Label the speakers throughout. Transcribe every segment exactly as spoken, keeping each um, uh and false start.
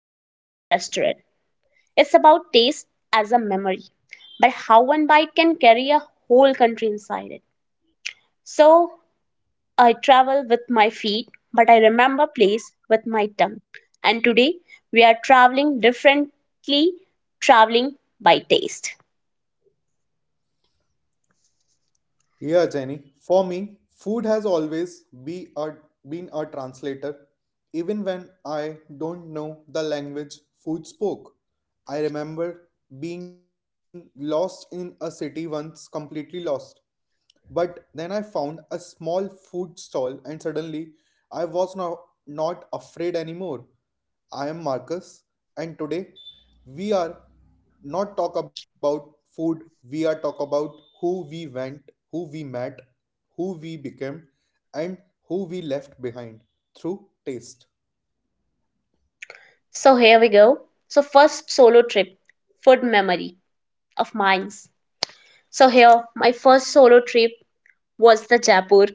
Speaker 1: or five-star restaurant. It's about taste as a memory, but how one bite can carry a whole country inside it. So I travel with my feet, but I remember place with my tongue. And today we are traveling differently, traveling by taste.
Speaker 2: Yeah, Jenny. For me, food has always be a, been a translator. Even when I don't know the language food spoke, I remember being lost in a city once, completely lost. But then I found a small food stall and suddenly I was no- not afraid anymore. I am Marcus and today we are not talk about food, we are talk about who we went, who we met, who we became and who we left behind through taste.
Speaker 1: So here we go. So first solo trip, food memory of mine. So here my first solo trip was the Jaipur,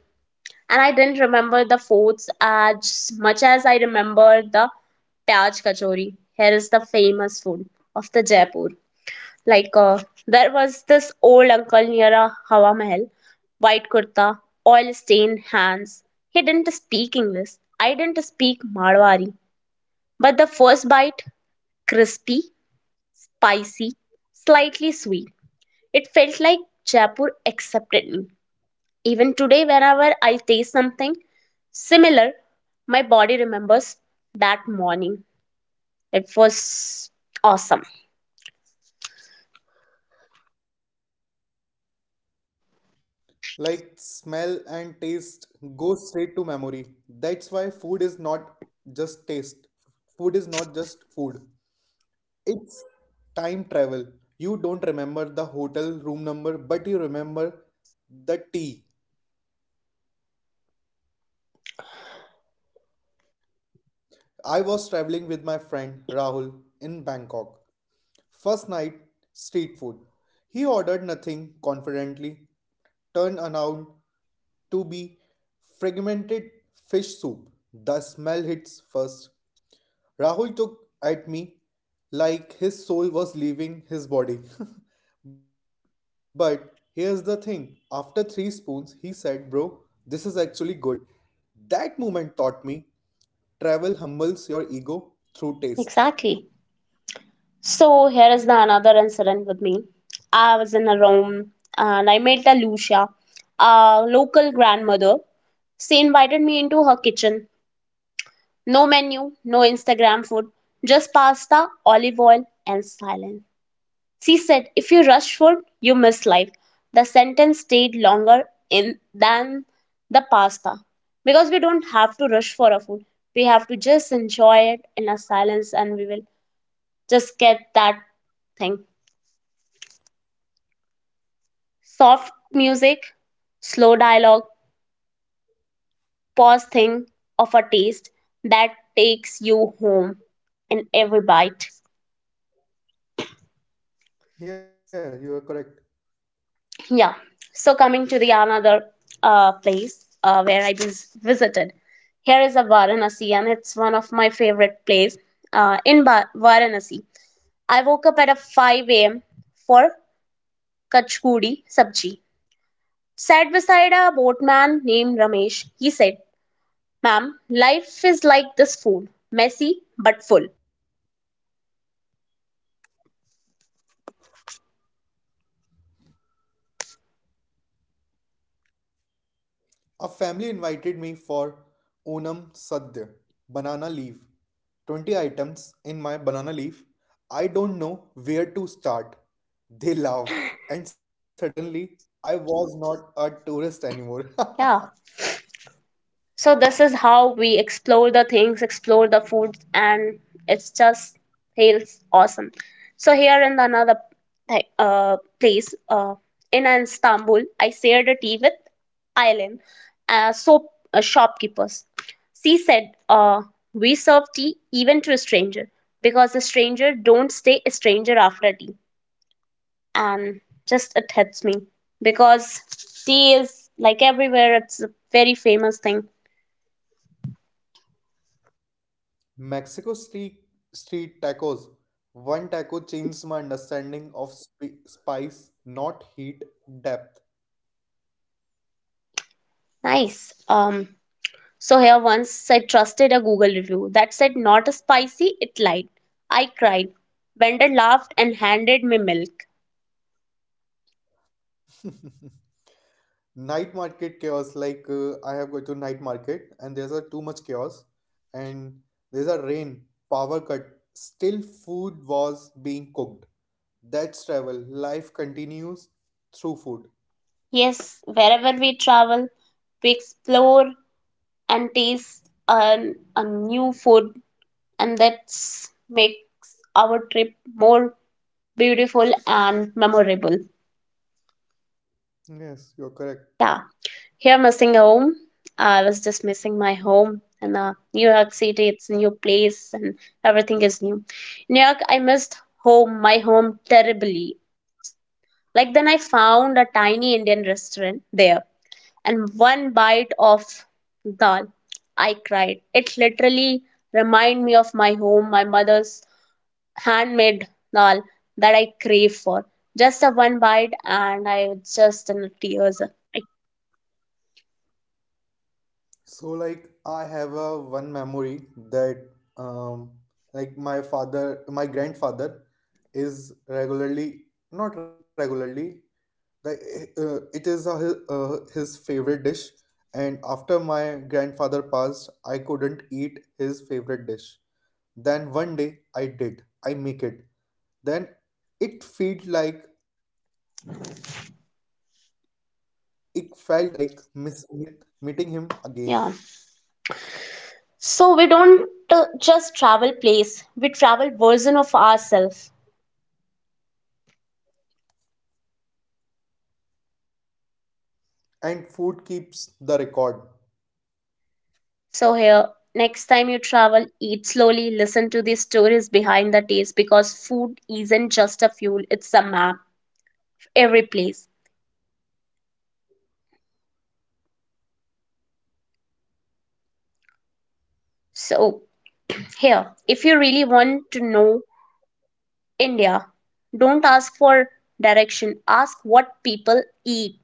Speaker 1: and I didn't remember the forts as much as I remember the Pyaj Kachori. Here is the famous food of the Jaipur. Like uh, there was this old uncle near a Hawa Mahal, white kurta, oil stained hands. He didn't speak English. I didn't speak Marwari. But the first bite, crispy, spicy, slightly sweet. It felt like Jaipur accepted me. Even today, whenever I taste something similar, my body remembers that morning. It was awesome.
Speaker 2: Like smell and taste go straight to memory. That's why food is not just taste. Food is not just food. It's time travel. You don't remember the hotel room number, but you remember the tea. I was traveling with my friend Rahul in Bangkok. First night, street food. He ordered nothing confidently, turned around to be fragmented fish soup. The smell hits first. Rahul took at me like his soul was leaving his body. But here's the thing, after three spoons, he said, "Bro, this is actually good." That moment taught me travel humbles your ego through taste.
Speaker 1: Exactly. So here is the another incident with me. I was in a room and I met a Lucia, a local grandmother. She invited me into her kitchen. No menu, no Instagram food, just pasta, olive oil, and silence. She said, if you rush food, you miss life. The sentence stayed longer in than the pasta. Because we don't have to rush for our food. We have to just enjoy it in a silence and we will just get that thing. Soft music, slow dialogue, pause thing of a taste that takes you home in every bite.
Speaker 2: Yeah, you are correct.
Speaker 1: Yeah. So coming to the another uh, place uh, where I vis- visited. Here is a Varanasi, and it's one of my favorite place uh, in ba- Varanasi. I woke up at a five a m for Kachkudi Sabji. Sat beside a boatman named Ramesh. He said, Ma'am, life is like this food messy but full.
Speaker 2: A family invited me for Onam Sadya, banana leaf. twenty items in my banana leaf. I don't know where to start. They laughed, and suddenly I was not a tourist anymore.
Speaker 1: Yeah. So, this is how we explore the things, explore the food, and it's just feels awesome. So, here in another thi- uh, place uh, in Istanbul, I shared a tea with Aileen, uh, soap uh, shopkeepers. She said, uh, we serve tea even to a stranger because a stranger don't stay a stranger after tea. And just it hits me because tea is like everywhere. It's a very famous thing.
Speaker 2: Mexico street, street tacos. One taco changed my understanding of sp- spice, not heat, depth.
Speaker 1: Nice. um so here, once I trusted a Google review that said not spicy. It lied. I cried. Vendor laughed and handed me milk.
Speaker 2: Night market chaos. Like, uh, I have go to night market and there's a too much chaos, and there's a rain, power cut, still food was being cooked. That's travel, life continues through food.
Speaker 1: Yes, wherever we travel, we explore and taste a, a new food, and that makes our trip more beautiful and memorable.
Speaker 2: Yes, you're correct.
Speaker 1: Yeah. Here, missing home. I was just missing my home in uh, New York City. It's a new place and everything is new. New York, I missed home, my home, terribly. Like, then I found a tiny Indian restaurant there, and one bite of dal, I cried. It literally reminded me of my home, my mother's handmade dal that I crave for. Just a one bite, and I was just in tears. I-
Speaker 2: So like I have a one memory that um like my father, my grandfather is regularly, not regularly, like, uh, it is a, hi- uh, his favorite dish, and after my grandfather passed, I couldn't eat his favorite dish. Then one day I did. I make it. Then it felt like, it felt like miss meeting with meeting him again.
Speaker 1: yeah. So we don't uh, just travel place, we travel version of ourselves.
Speaker 2: And food keeps the record.
Speaker 1: So here, next time you travel, eat slowly, listen to the stories behind the taste because food isn't just a fuel, it's a map, every place. So here, if you really want to know India, don't ask for direction, ask what people eat.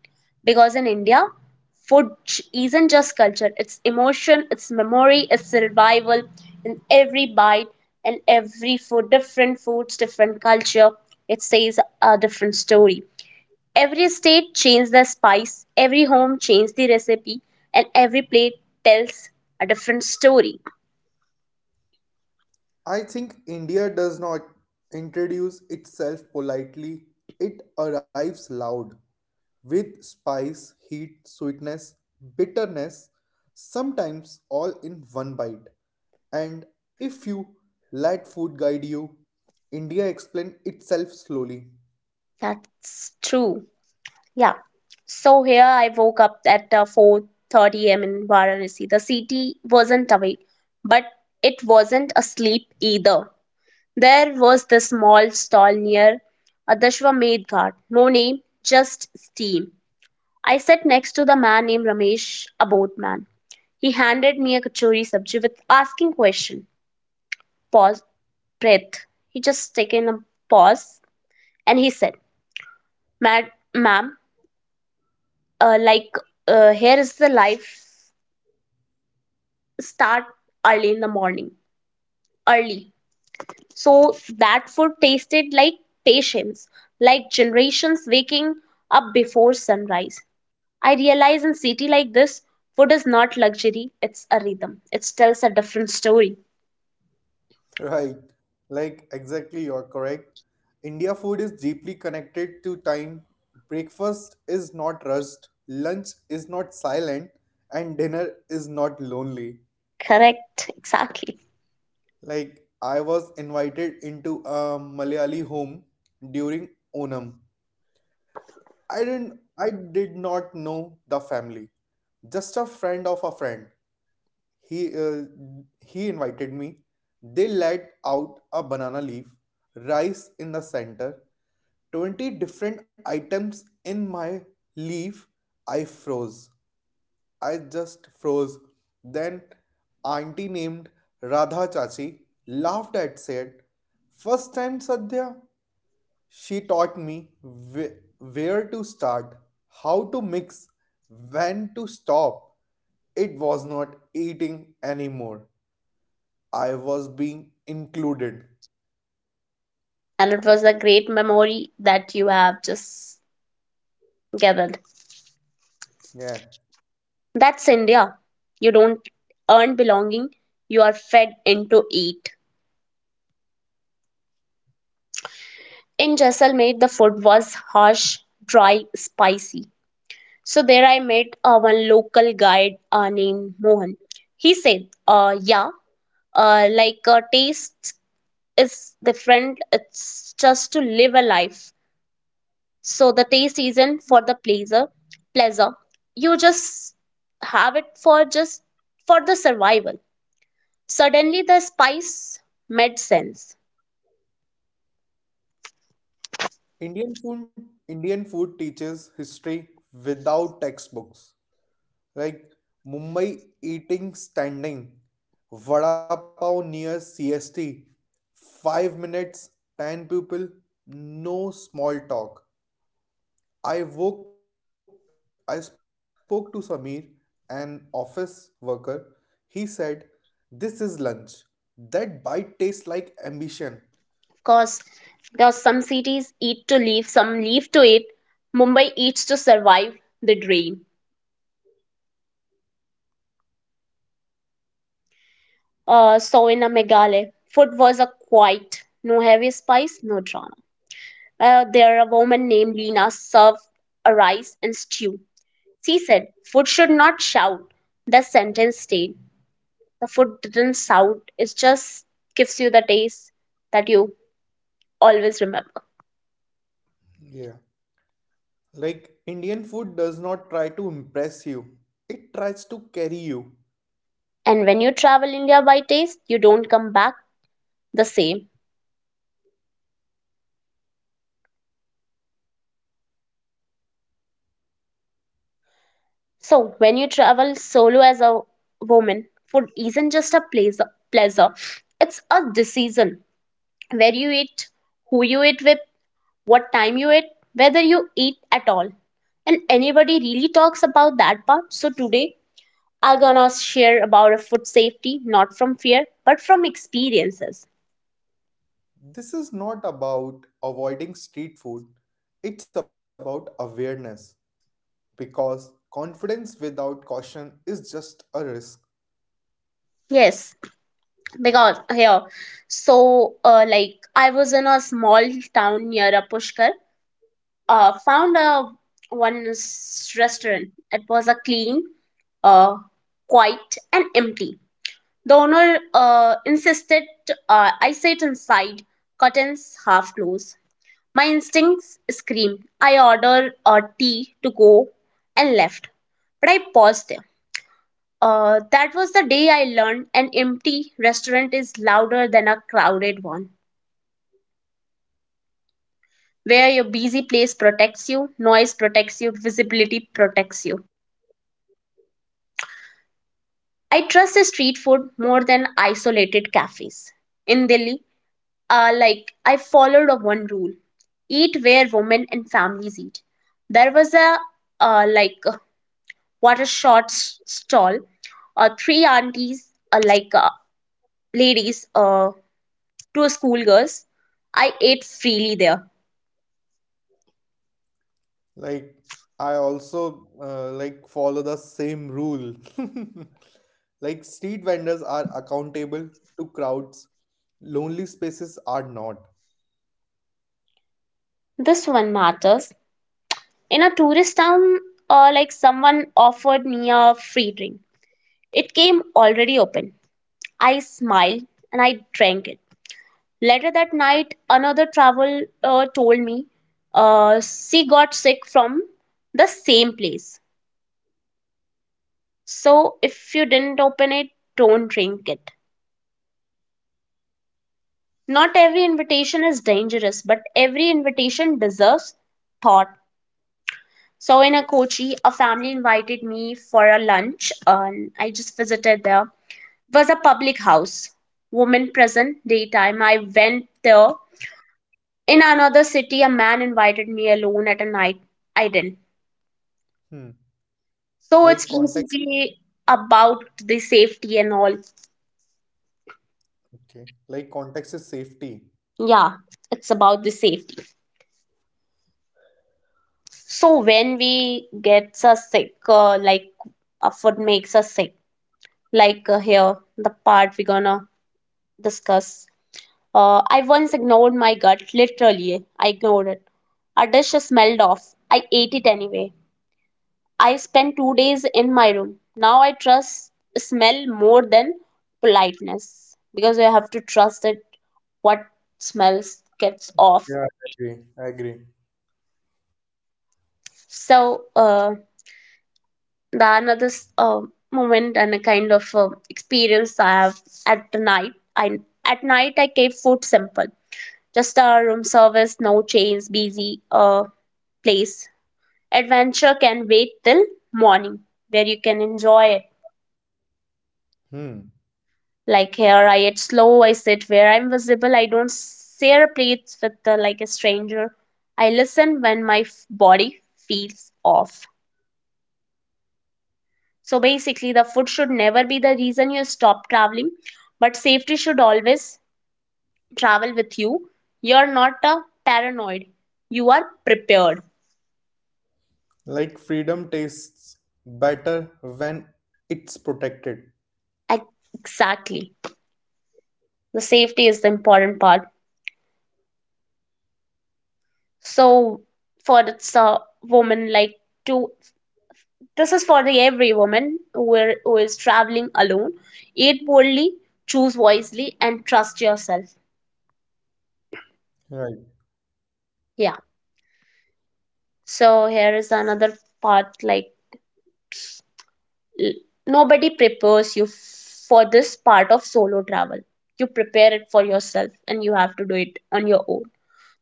Speaker 1: Because in India, food j- isn't just culture, it's emotion, it's memory, it's survival. In every bite and every food, different foods, different culture, it says a different story. Every state changed the spice, every home changed the recipe, and every plate tells a different story.
Speaker 2: I think India does not introduce itself politely. It arrives loud with spice, heat, sweetness, bitterness, sometimes all in one bite. And if you let food guide you, India explained itself slowly.
Speaker 1: That's true. Yeah. So here I woke up at uh, four thirty a m in Varanasi. The city wasn't awake, but it wasn't asleep either. There was this small stall near Adashwamedh Ghat. No name, just steam. I sat next to the man named Ramesh, a boatman. He handed me a kachori sabji with asking question. Pause, breath. He just taken a pause and he said, "Ma- Ma'am, uh, like uh, here is the life start early in the morning early so that food tasted like patience, like generations waking up before sunrise. I realize in city like this, food is not luxury, it's a rhythm. It tells a different story.
Speaker 2: Right, like exactly, you're correct. India food is deeply connected to time. Breakfast is not rushed, lunch is not silent, and dinner is not lonely.
Speaker 1: Correct, exactly.
Speaker 2: Like I was invited into a Malayali home during Onam. I didn't I did not know the family. Just a friend of a friend. He uh, he invited me. They laid out a banana leaf, rice in the center, twenty different items in my leaf. I froze. I just froze. Then auntie named Radha Chachi laughed at said, "First time Sadhya?" She taught me wh- where to start, how to mix, when to stop. It was not eating anymore. I was being included.
Speaker 1: And it was a great memory that you have just gathered.
Speaker 2: Yeah.
Speaker 1: That's India. You don't earn belonging, you are fed into it. In Jaisalmer, the food was harsh, dry, spicy. So there I met uh, one local guide uh, named Mohan. He said, uh, "Yeah, uh, like uh, taste is different. It's just to live a life. So the taste isn't for the pleasure. Pleasure. You just have it for just for the survival." Suddenly, the spice made sense.
Speaker 2: Indian food Indian food teaches history without textbooks. Like Mumbai eating standing, vada pav near C S T, five minutes, ten people, no small talk. I woke I spoke to Samir, an office worker. He said, "This is lunch. That bite tastes like ambition."
Speaker 1: Cause because some cities eat to live, some live to eat. Mumbai eats to survive the dream. Uh, so in a Meghalaya, food was a quiet, no heavy spice, no drama. Uh, there a woman named Lena served a rice and stew. She said, "Food should not shout." The sentence stayed. The food didn't shout. It just gives you the taste that you always remember.
Speaker 2: Yeah. Like Indian food does not try to impress you. It tries to carry you.
Speaker 1: And when you travel India by taste, you don't come back the same. So, when you travel solo as a woman, food isn't just a pleasure, pleasure. It's a decision. Where you eat, who you eat with, what time you eat, whether you eat at all. And anybody really talks about that part. So today I'm gonna share about a food safety, not from fear, but from experiences.
Speaker 2: This is not about avoiding street food. It's about awareness because confidence without caution is just a risk.
Speaker 1: Yes, because here, so uh, like I was in a small town near a Pushkar uh, found a one s- restaurant. It was a clean, uh, quiet, and empty. The owner uh, insisted uh, I sit inside, curtains half closed. My instincts screamed. I ordered a tea to go and left, but I paused there. Uh, that was the day I learned an empty restaurant is louder than a crowded one. Where your busy place protects you, noise protects you, visibility protects you. I trust street food more than isolated cafes. In Delhi, uh, like I followed a one rule: eat where women and families eat. There was a uh, like a water short s- stall, uh, three aunties, uh, like uh, ladies, uh, two schoolgirls. I ate freely there.
Speaker 2: Like I also uh, like follow the same rule. Like street vendors are accountable to crowds. Lonely spaces are not.
Speaker 1: This one matters. In a tourist town, uh, like someone offered me a free drink. It came already open. I smiled and I drank it. Later that night, another traveler uh, told me uh, she got sick from the same place. So if you didn't open it, don't drink it. Not every invitation is dangerous, but every invitation deserves thought. So in a Kochi, a family invited me for a lunch, and I just visited there. It was a public house, woman present, daytime. I went there. In another city, a man invited me alone at a night. I didn't.
Speaker 2: Hmm.
Speaker 1: So it's
Speaker 2: Like context,
Speaker 1: basically about the safety and all.
Speaker 2: okay. Like context is safety.
Speaker 1: Yeah, it's about the safety. So when we gets us sick, uh, like a food makes us sick, like uh, here the part we're gonna discuss. Uh, I once ignored my gut, literally. I ignored it. A dish smelled off. I ate it anyway. I spent two days in my room. Now I trust smell more than politeness because you have to trust it what smells gets off.
Speaker 2: Yeah, I agree. I agree.
Speaker 1: So uh, the another s- uh, moment and a kind of uh, experience I have at the night. I at night I keep food simple, just a room service, no chains, busy uh, place. Adventure can wait till morning where you can enjoy it.
Speaker 2: Hmm.
Speaker 1: Like here, I eat slow, I sit where I'm visible, I don't share plates with uh, like a stranger. I listen when my f- body feels off. So basically, the food should never be the reason you stop traveling, but safety should always travel with you. You're not a paranoid, you are prepared.
Speaker 2: Like freedom tastes better when it's protected.
Speaker 1: Ex- Exactly. The safety is the important part. So, for it's a woman, like to— this is for the every woman who are- who is traveling alone. Eat boldly, choose wisely, and trust yourself.
Speaker 2: Right.
Speaker 1: Yeah. So here is another part like l- nobody prepares you for this part of solo travel. You prepare it for yourself and you have to do it on your own.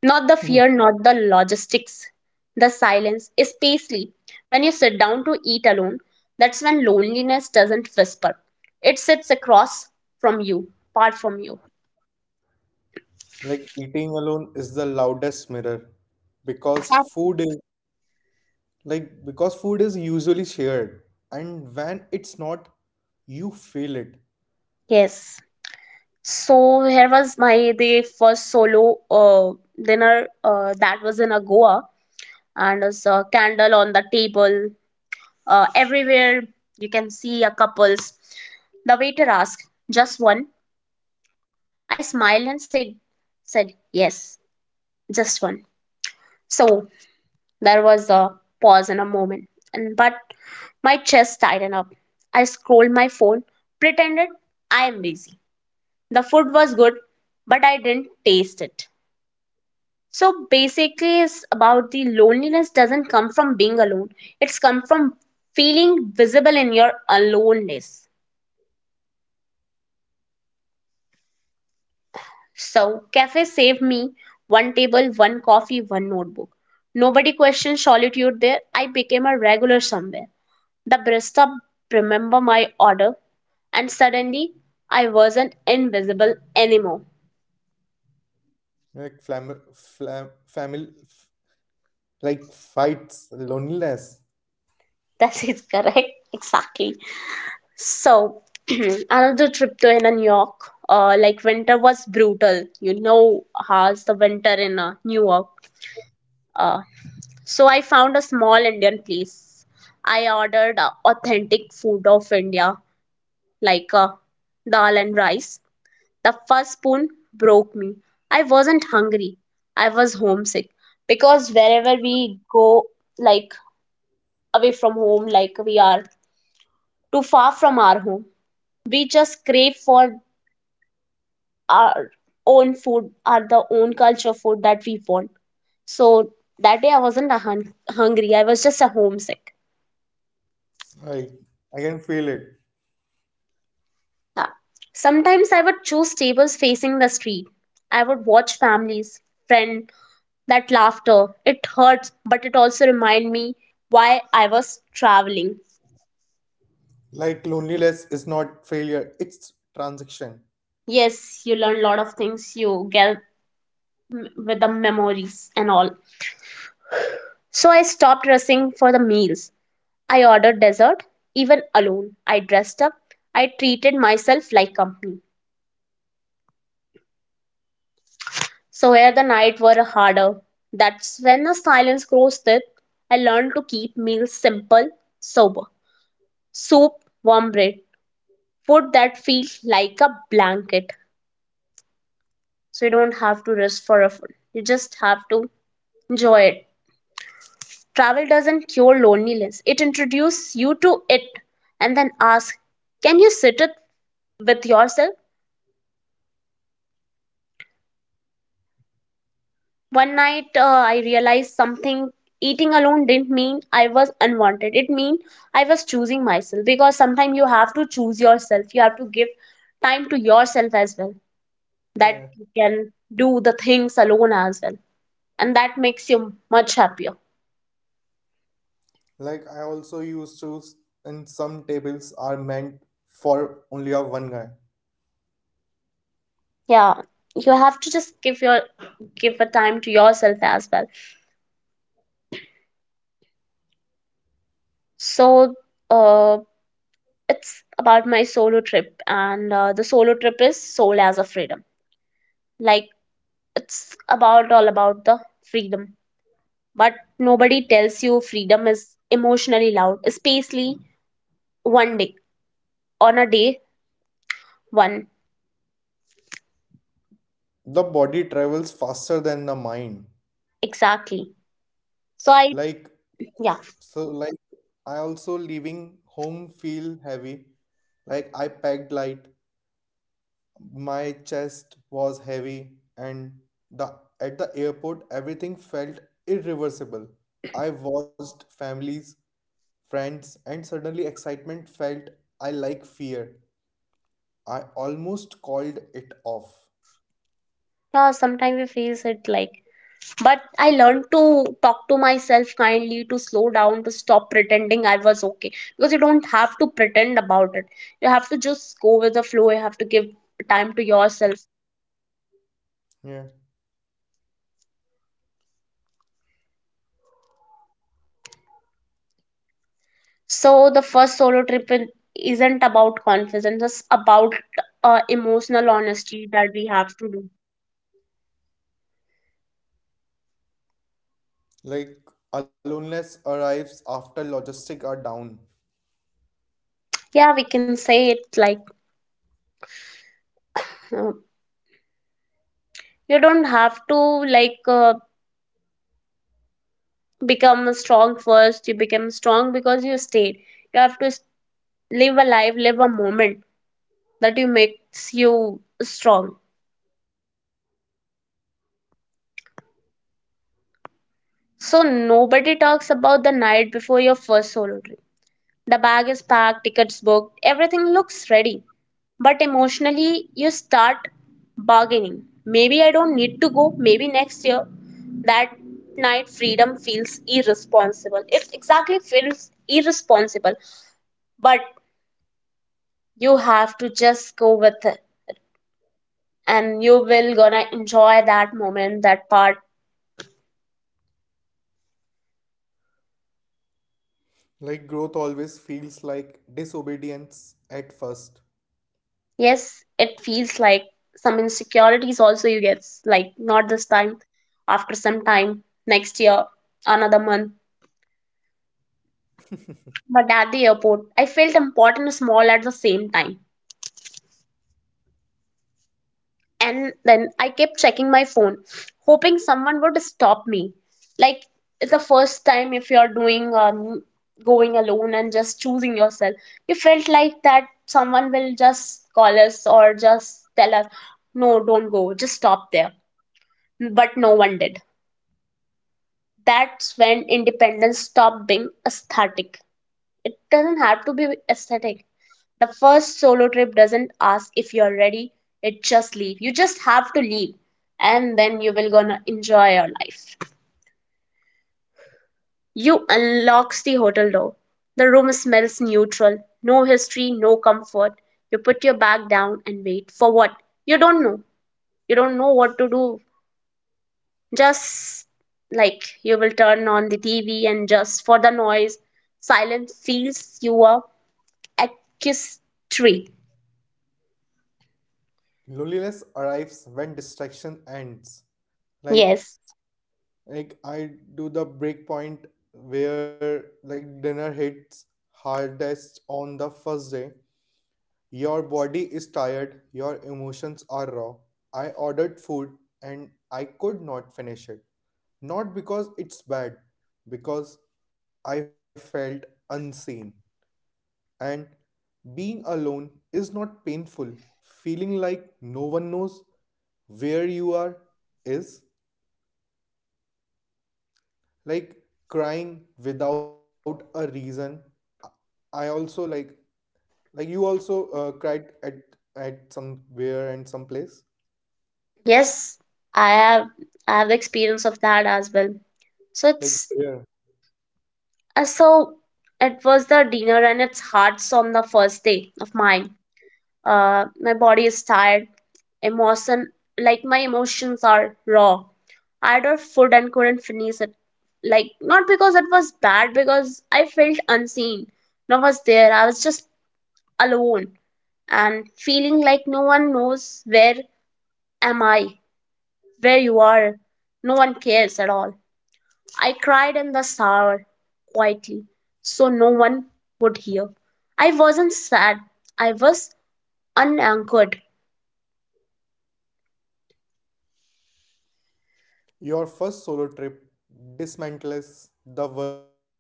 Speaker 1: Not the fear, not the logistics, the silence, especially when you sit down to eat alone. That's when loneliness doesn't whisper. It sits across from you, apart from you.
Speaker 2: Like eating alone is the loudest mirror because food is like, because food is usually shared, and when it's not, you feel it.
Speaker 1: Yes. So here was my the first solo uh, dinner uh, that was in a Goa, and there's a candle on the table. Uh, everywhere you can see a couples. The waiter asked, "Just one?" I smiled and said, "said Yes, just one." So there was a pause in a moment, and but my chest tightened up. I scrolled my phone, pretended I am busy. The food was good, but I didn't taste it. So basically, it's about the loneliness doesn't come from being alone. It's come from feeling visible in your aloneness. So cafe saved me one table, one coffee, one notebook. Nobody questioned solitude there. I became a regular somewhere. The barista remember my order, and suddenly I wasn't invisible anymore.
Speaker 2: Like, flam, flam, family, like fights, loneliness.
Speaker 1: That is correct. Exactly. So another trip to in New York. Uh, like winter was brutal. You know how's the winter in uh, New York. Uh, so I found a small Indian place. I ordered uh, authentic food of India, like uh, dal and rice. The first spoon broke me. I wasn't hungry. I was homesick because wherever we go, like away from home, like we are too far from our home, we just crave for our own food our the own culture food that we want. So that day I wasn't a hun- hungry, I was just a homesick.
Speaker 2: Like, I can feel it.
Speaker 1: Yeah. Sometimes I would choose tables facing the street. I would watch families, friend, that laughter. It hurts, but it also remind me why I was traveling.
Speaker 2: Like, loneliness is not failure, it's transaction.
Speaker 1: Yes, you learn a lot of things you get m- with the memories and all. So I stopped rushing for the meals. I ordered dessert, even alone. I dressed up. I treated myself like company. So where the night were harder. That's when the silence grows thick. I learned to keep meals simple, sober. Soup, warm bread, food that feels like a blanket. So you don't have to rush for a food. You just have to enjoy it. Travel doesn't cure loneliness. It introduces you to it and then asks, can you sit it with yourself? One night, uh, I realized something. Eating alone didn't mean I was unwanted. It mean I was choosing myself because sometimes you have to choose yourself. You have to give time to yourself as well that you
Speaker 2: Yeah.
Speaker 1: can do the things alone as well, and that makes you much happier.
Speaker 2: Like, I also used to, s- and some tables are meant for only a one guy.
Speaker 1: Yeah, you have to just give your give a time to yourself as well. So, uh, it's about my solo trip, and uh, the solo trip is soul as a freedom. Like it's about all about the freedom but nobody tells you freedom is emotionally loud especially one day on a day one
Speaker 2: The body travels faster than the mind.
Speaker 1: exactly so I
Speaker 2: Like,
Speaker 1: yeah
Speaker 2: so like I also leaving home feel heavy. Like I packed light, my chest was heavy, and the at the airport everything felt irreversible. I watched families, friends, and suddenly excitement felt I like fear. I almost called it off.
Speaker 1: yeah sometimes we face it like but I learned to talk to myself kindly to slow down to stop pretending I was okay because you don't have to pretend about it you have to just go with the flow you have to give time to yourself.
Speaker 2: Yeah.
Speaker 1: So the first solo trip in- isn't about confidence, it's about uh, emotional honesty that we have to do.
Speaker 2: Like aloneness arrives after logistics are down.
Speaker 1: Yeah, we can say it like uh, you don't have to like uh, become strong first. You become strong because you stayed. You have to s- live a life, live a moment that you makes you strong. So nobody talks about the night before your first solo trip. The bag is packed, tickets booked, everything looks ready. But emotionally, you start bargaining. Maybe I don't need to go, maybe next year. That night, freedom feels irresponsible. It exactly feels irresponsible, but you have to just go with it and you will gonna enjoy that moment, that part.
Speaker 2: Like growth always feels like disobedience at first.
Speaker 1: Yes, it feels like some insecurities also you get, like not this time, after some time, next year, another month. But at the airport, I felt important and small at the same time. And then I kept checking my phone, hoping someone would stop me. Like it's the first time if you're doing um, going alone and just choosing yourself, you felt like that someone will just call us or just tell us, no, don't go, just stop there. But no one did. That's when independence stopped being aesthetic. It doesn't have to be aesthetic. The first solo trip doesn't ask if you're ready, it just leave. You just have to leave and then you will gonna enjoy your life. You unlocks the hotel door. The room smells neutral, no history, no comfort. You put your bag down and wait for what? You don't know. You don't know what to do. Just like you will turn on the T V and just for the noise, silence feels you are accusatory.
Speaker 2: Loneliness arrives when distraction ends.
Speaker 1: Yes,
Speaker 2: Like like I do the break point where like dinner hits hardest on the first day. Your body is tired, your emotions are raw. I ordered food and I could not finish it. Not because it's bad, because I felt unseen. And being alone is not painful. Feeling like no one knows where you are is like crying without a reason. I also like like you also uh, cried at at somewhere and someplace.
Speaker 1: yes, I have I have the experience of that as well. So it's
Speaker 2: Like where
Speaker 1: uh, so it was the dinner and it's hard on the first day of mine. Uh, my body is tired, emotion like my emotions are raw. I ordered food and couldn't finish it. Like not because it was bad, because I felt unseen. No one was there. I was just alone and feeling like no one knows where am I. Where you are, no one cares at all. I cried in the shower quietly, so no one would hear. I wasn't sad, I was unanchored.
Speaker 2: your first solo trip dismantles the version of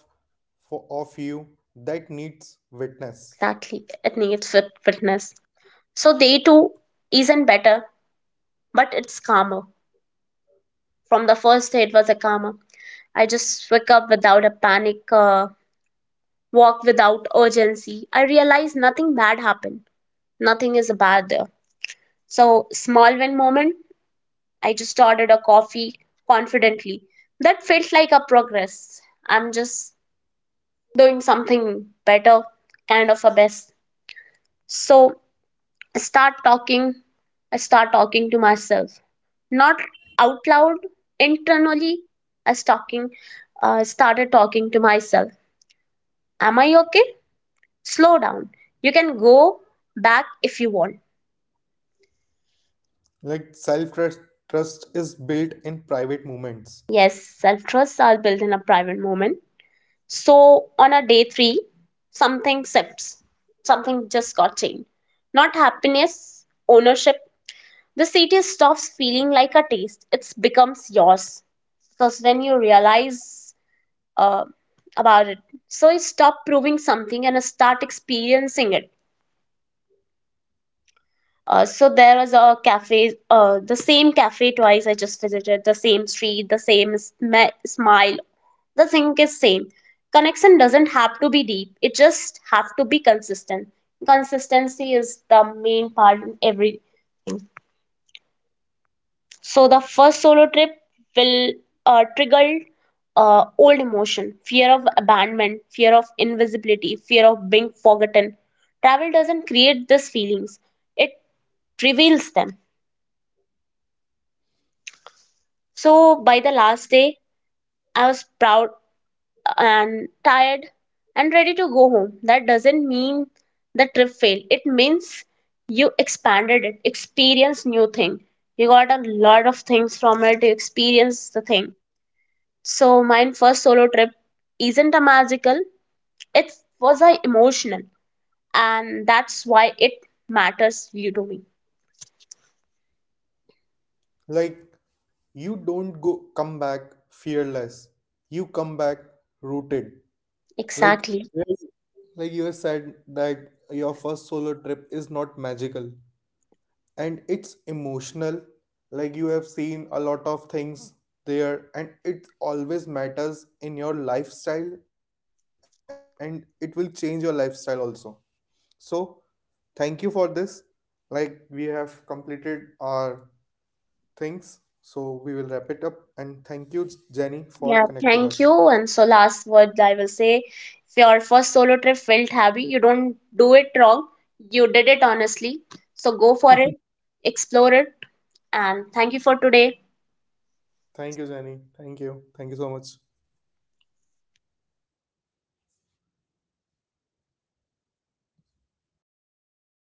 Speaker 2: for of you that needs witness.
Speaker 1: Exactly, it needs fit- fitness. So, day two isn't better, but it's calmer. From the first day, it was a calmer. I just wake up without a panic, uh, walk without urgency. I realize nothing bad happened, nothing is bad there. So, small win moment I just ordered a coffee confidently. That felt like a progress. I'm just doing something better, kind of a best. So I start talking. I start talking to myself, not out loud, internally. I was talking, uh, started talking to myself. Am I okay? Slow down. You can go back if you want.
Speaker 2: Like self trust trust is built in private moments.
Speaker 1: Yes, self trust I'll build in a private moment. So on a day three, something sips, something just got changed. Not happiness, ownership. The city stops feeling like a taste. It becomes yours. Because when you realize uh, about it, so you stop proving something and start experiencing it. Uh, so there was a cafe, uh, the same cafe twice I just visited, the same street, the same sm- smile, the thing is same connection doesn't have to be deep it just have to be consistent. Consistency is the main part in every. So the first solo trip will uh, trigger uh, old emotion fear of abandonment fear of invisibility fear of being forgotten. Travel doesn't create these feelings, it reveals them. So by the last day I was proud and tired and ready to go home. That doesn't mean the trip failed. It means you expanded it, experienced new thing. You got a lot of things from it, you experienced the thing. So my first solo trip isn't a magical, it was a emotional and that's why it matters you to me.
Speaker 2: Like you don't go, come back fearless. You come back rooted. Like
Speaker 1: Exactly.
Speaker 2: like you have said that your first solo trip is not magical and it's emotional. Like you have seen a lot of things there and it always matters in your lifestyle and it will change your lifestyle also. So thank you for this. Like we have completed our things. So we will wrap it up and thank you, Jenny, for
Speaker 1: Yeah,
Speaker 2: connecting us.
Speaker 1: thank you. And so, last word I will say if your first solo trip felt heavy, you don't do it wrong. You did it honestly. So, go for it, explore it, and thank you for today.
Speaker 2: Thank you, Jenny. Thank you. Thank you so much.